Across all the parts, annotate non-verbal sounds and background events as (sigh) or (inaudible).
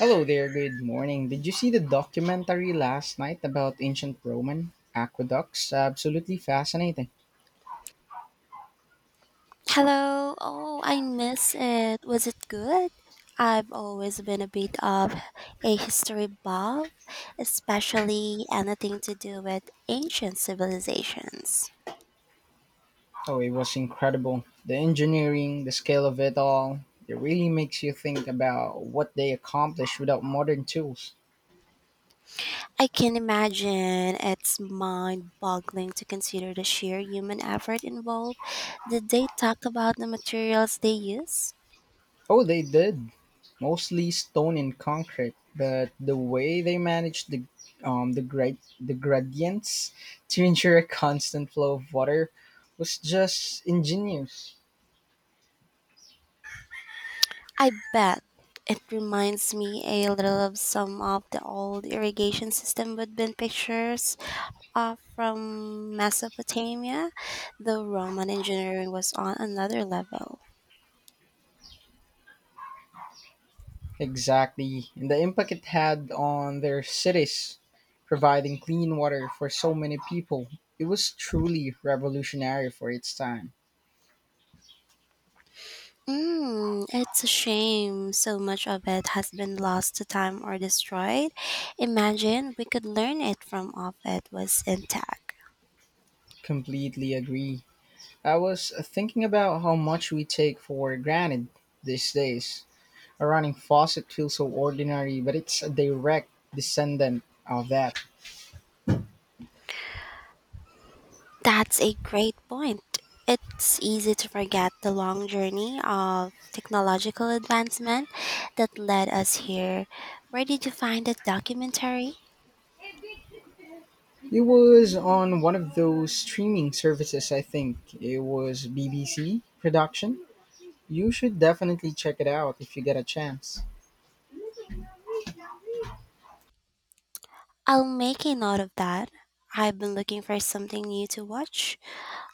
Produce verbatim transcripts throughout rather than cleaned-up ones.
Hello there, good morning. Did you see the documentary last night about ancient Roman aqueducts? Absolutely fascinating. Hello. Oh, I miss it. Was it good? I've always been a bit of a history buff, especially anything to do with ancient civilizations. Oh, it was incredible. The engineering, the scale of it all, it really makes you think about what they accomplished without modern tools. I can imagine it's mind boggling to consider the sheer human effort involved. Did they talk about the materials they use? Oh, they did. Mostly stone and concrete, but the way they managed the um, the, gra- the gradients to ensure a constant flow of water was just ingenious. I bet it reminds me a little of some of the old irrigation system with bin pictures uh, from Mesopotamia, the Roman engineering was on another level. Exactly. And the impact it had on their cities, providing clean water for so many people. It was truly revolutionary for its time. Mm, it's a shame so much of it has been lost to time or destroyed. Imagine we could learn it from of it was intact. Completely agree. I was thinking about how much we take for granted these days. A running faucet feels so ordinary, but it's a direct descendant of that. That's a great point. It's easy to forget the long journey of technological advancement that led us here. Where did you find that documentary? It was on one of those streaming services, I think. It was B B C production. You should definitely check it out if you get a chance. I'll make a note of that. I've been looking for something new to watch.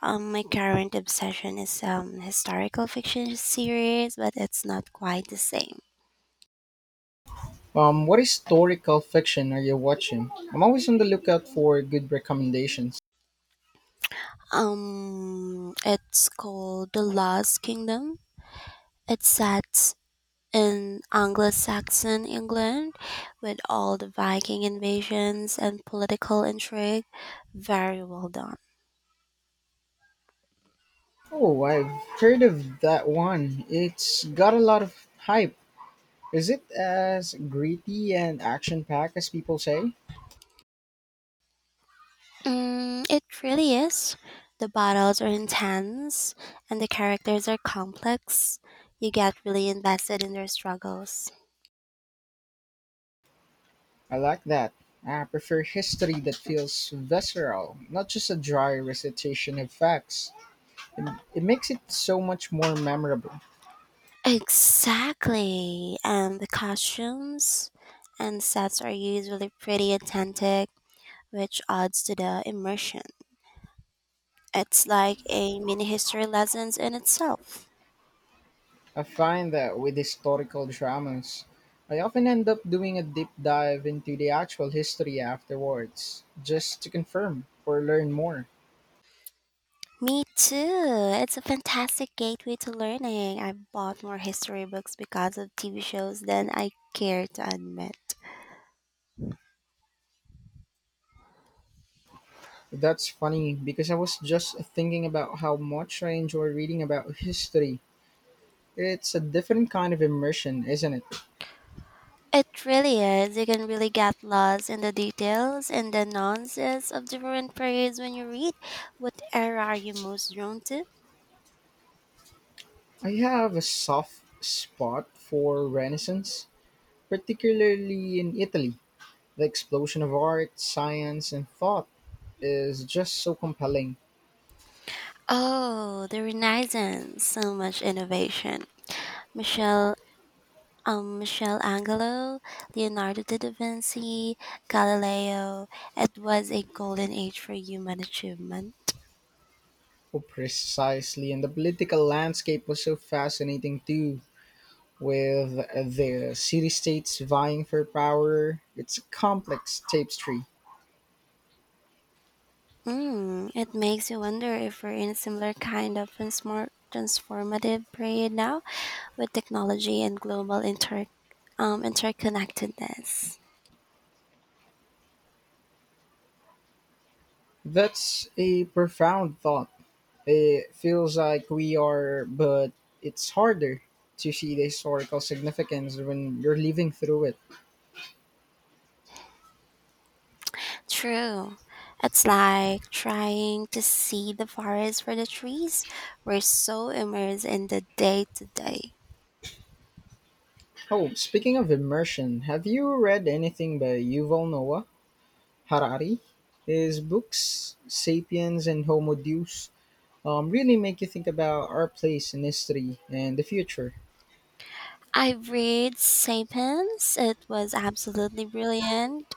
Um, my current obsession is um historical fiction series, but it's not quite the same. Um, what historical fiction are you watching? I'm always on the lookout for good recommendations. Um, it's called The Lost Kingdom. It's set in Anglo-Saxon England, with all the Viking invasions and political intrigue. Very well done. Oh, I've heard of that one. It's got a lot of hype. Is it as gritty and action packed as people say? Mm, it really is. The battles are intense and the characters are complex. You get really invested in their struggles. I like that. I prefer history that feels visceral, not just a dry recitation of facts. It makes it so much more memorable. Exactly. And the costumes and sets are usually pretty authentic, which adds to the immersion. It's like a mini history lessons in itself. I find that with historical dramas, I often end up doing a deep dive into the actual history afterwards, just to confirm or learn more. Me too. It's a fantastic gateway to learning. I bought more history books because of T V shows than I care to admit. That's funny because I was just thinking about how much I enjoy reading about history. It's a different kind of immersion, isn't it? It really is. You can really get lost in the details and the nuances of different periods when you read. What era are you most drawn to? I have a soft spot for Renaissance, particularly in Italy. The explosion of art, science, and thought is just so compelling. Oh, the Renaissance. So much innovation. Michelle um Michelangelo, Leonardo da Vinci, Galileo. It was a golden age for human achievement. Oh, precisely. And the political landscape was so fascinating too, with the city states vying for power. It's a complex tapestry. Mm, it makes you wonder if we're in a similar kind of transform- transformative period now with technology and global inter um, interconnectedness. That's a profound thought. It feels like we are, but it's harder to see the historical significance when you're living through it. True. It's like trying to see the forest for the trees. We're so immersed in the day to day. Oh, speaking of immersion, have you read anything by Yuval Noah Harari? His books, Sapiens and Homo Deus, um, really make you think about our place in history and the future. I read Sapiens. It was absolutely brilliant.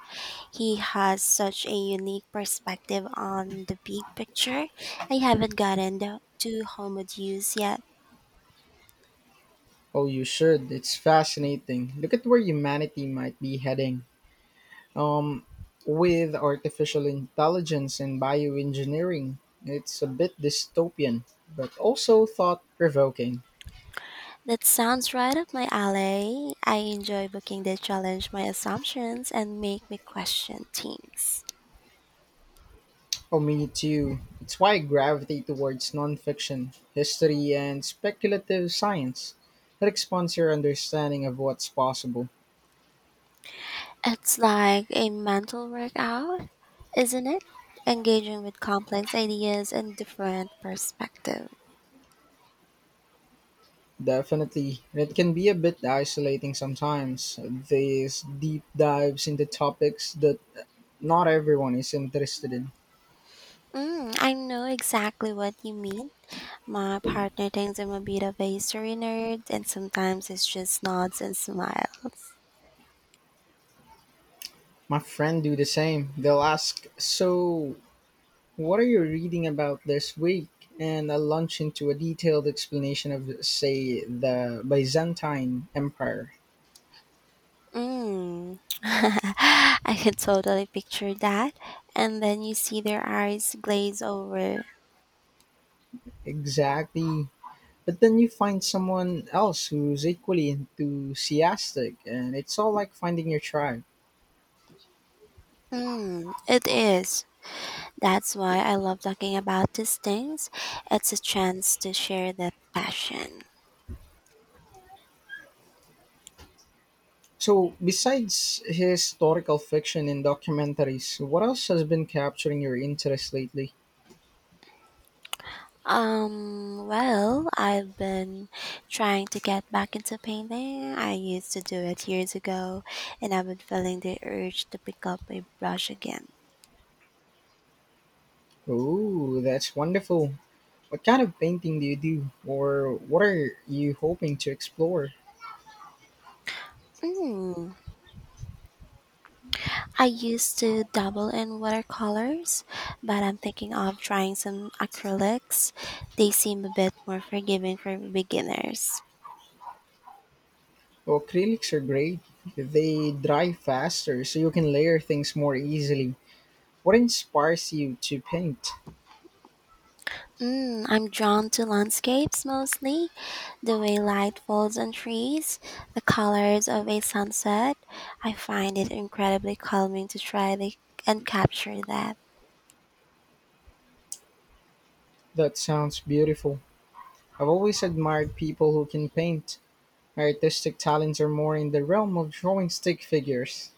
He has such a unique perspective on the big picture. I haven't gotten the- to Homo Deus yet. Oh, you should. It's fascinating. Look at where humanity might be heading. Um, with artificial intelligence and bioengineering, it's a bit dystopian, but also thought provoking. That sounds right up my alley. I enjoy booking that challenge my assumptions and make me question things. Oh, me too. It's why I gravitate towards nonfiction, history, and speculative science. It expands your understanding of what's possible. It's like a mental workout, isn't it? Engaging with complex ideas and different perspectives. Definitely. It can be a bit isolating sometimes, these deep dives into topics that not everyone is interested in. Mm, I know exactly what you mean. My partner thinks I'm a bit of a history nerd, and sometimes it's just nods and smile. My friend do the same. They'll ask, "So, what are you reading about this week?" And I'll launch into a detailed explanation of, say, the Byzantine Empire. Mm. (laughs) I can totally picture that. And then you see their eyes glaze over. Exactly. But then you find someone else who's equally enthusiastic, and it's all like finding your tribe. Hmm, it is. That's why I love talking about these things. It's a chance to share the passion. So, besides historical fiction and documentaries, what else has been capturing your interest lately? Um, well, I've been trying to get back into painting. I used to do it years ago, and I've been feeling the urge to pick up a brush again. Oh, that's wonderful. What kind of painting do you do, or what are you hoping to explore? Mm. I used to dabble in watercolors, but I'm thinking of trying some acrylics. They seem a bit more forgiving for beginners. Well, acrylics are great. They dry faster, so you can layer things more easily. What inspires you to paint? Mm, I'm drawn to landscapes mostly, the way light falls on trees, the colors of a sunset. I find it incredibly calming to try the, and capture that. That sounds beautiful. I've always admired people who can paint. My artistic talents are more in the realm of drawing stick figures.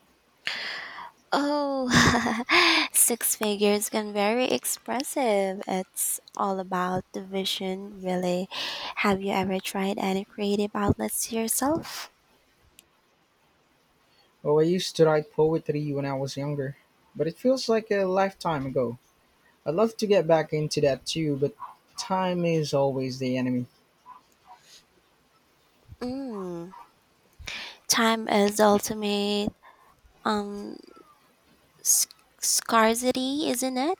Oh, (laughs) six figures can very expressive. It's all about the vision, really. Have you ever tried any creative outlets yourself? Oh, I used to write poetry when I was younger, but it feels like a lifetime ago. I'd love to get back into that too, but time is always the enemy. Mm, time is the ultimate um sc- scarcity, isn't it?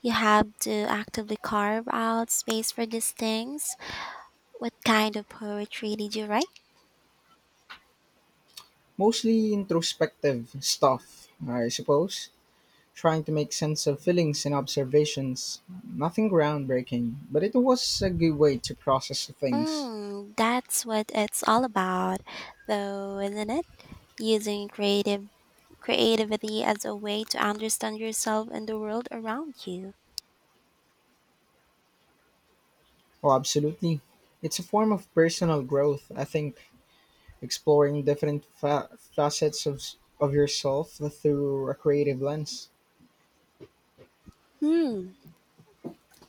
You have to actively carve out space for these things. What kind of poetry did you write? Mostly introspective stuff, I suppose. Trying to make sense of feelings and observations. Nothing groundbreaking, but it was a good way to process things. Mm, that's what it's all about, though, isn't it? Using creative creativity as a way to understand yourself and the world around you. Oh, absolutely. It's a form of personal growth, I think. Exploring different fa- facets of, of yourself through a creative lens. Hmm,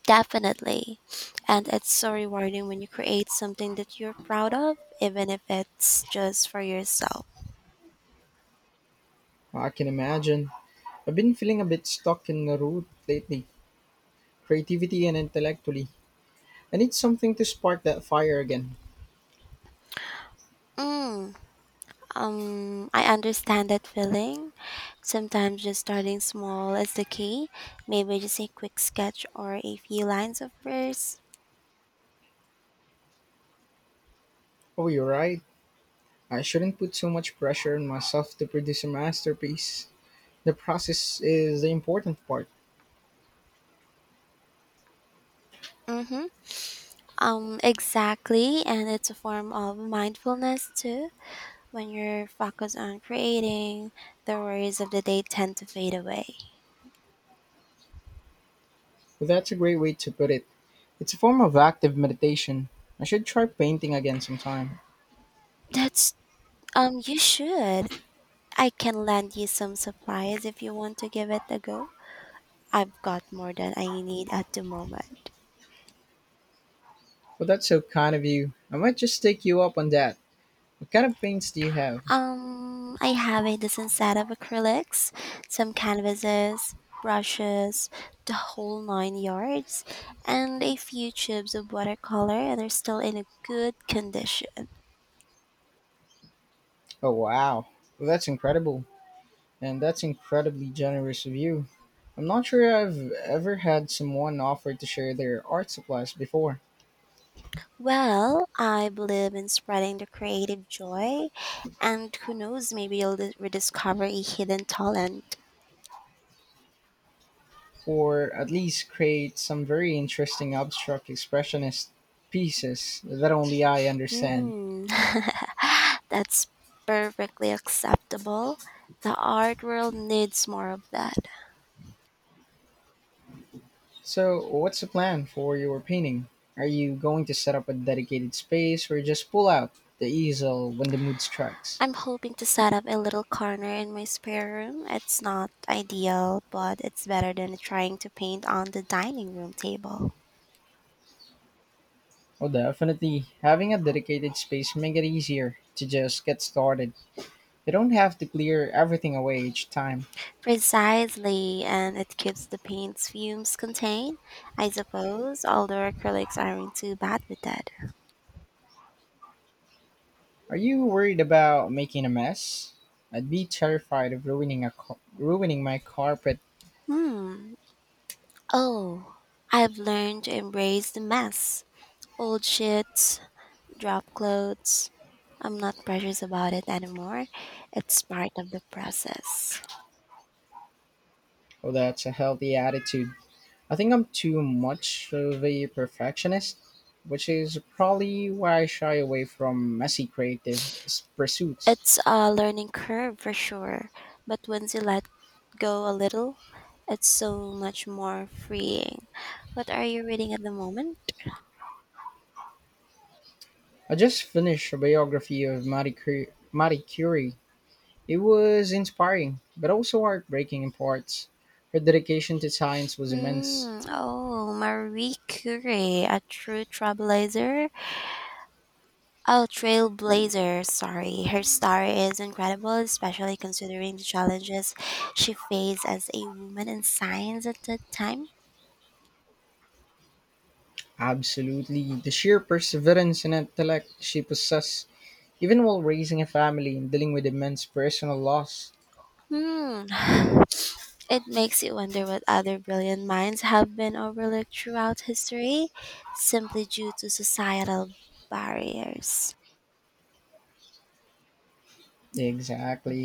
definitely. And it's so rewarding when you create something that you're proud of, even if it's just for yourself. I can imagine. I've been feeling a bit stuck in the rut lately, creativity and intellectually. I need something to spark that fire again. Mm. Um, I understand that feeling. Sometimes just starting small is the key. Maybe just a quick sketch or a few lines of verse. Oh, you're right. I shouldn't put so much pressure on myself to produce a masterpiece. The process is the important part. Mm-hmm. Um, exactly, and it's a form of mindfulness too. When you're focused on creating, the worries of the day tend to fade away. But that's a great way to put it. It's a form of active meditation. I should try painting again sometime. That's um, You should. I can lend you some supplies if you want to give it a go. I've got more than I need at the moment. Well, that's so kind of you. I might just take you up on that. What kind of paints do you have? Um, I have a decent set of acrylics, some canvases, brushes, the whole nine yards, and a few tubes of watercolor they are still in a good condition. Oh, wow. Well, that's incredible. And that's incredibly generous of you. I'm not sure I've ever had someone offer to share their art supplies before, Well, I believe in spreading the creative joy, and who knows, maybe you'll dis- rediscover a hidden talent. or at least create some very interesting abstract expressionist pieces that only I understand. Hmm, (laughs) that's perfectly acceptable. The art world needs more of that. So, what's the plan for your painting? Are you going to set up a dedicated space or just pull out the easel when the mood strikes? I'm hoping to set up a little corner in my spare room. It's not ideal, but it's better than trying to paint on the dining room table. Oh, definitely. Having a dedicated space makes it easier to just get started. You don't have to clear everything away each time. Precisely, and it keeps the paint's fumes contained, I suppose, although acrylics aren't too bad with that. Are you worried about making a mess? I'd be terrified of ruining a ca- ruining my carpet. Hmm. Oh, I've learned to embrace the mess. Old sheets, drop clothes. I'm not precious about it anymore. It's part of the process. Oh, that's a healthy attitude. I think I'm too much of a perfectionist, which is probably why I shy away from messy creative s- pursuits. It's a learning curve for sure, but once you let go a little, it's so much more freeing. What are you reading at the moment? I just finished a biography of Marie, Cur- Marie Curie. It was inspiring, but also heartbreaking in parts. Her dedication to science was immense. Hmm. Oh, Marie Curie, a true trailblazer. Oh, trailblazer. Sorry, her story is incredible, especially considering the challenges she faced as a woman in science at that time. Absolutely. The sheer perseverance and intellect she possessed, even while raising a family and dealing with immense personal loss. Hmm. (sighs) It makes you wonder what other brilliant minds have been overlooked throughout history simply due to societal barriers. Exactly.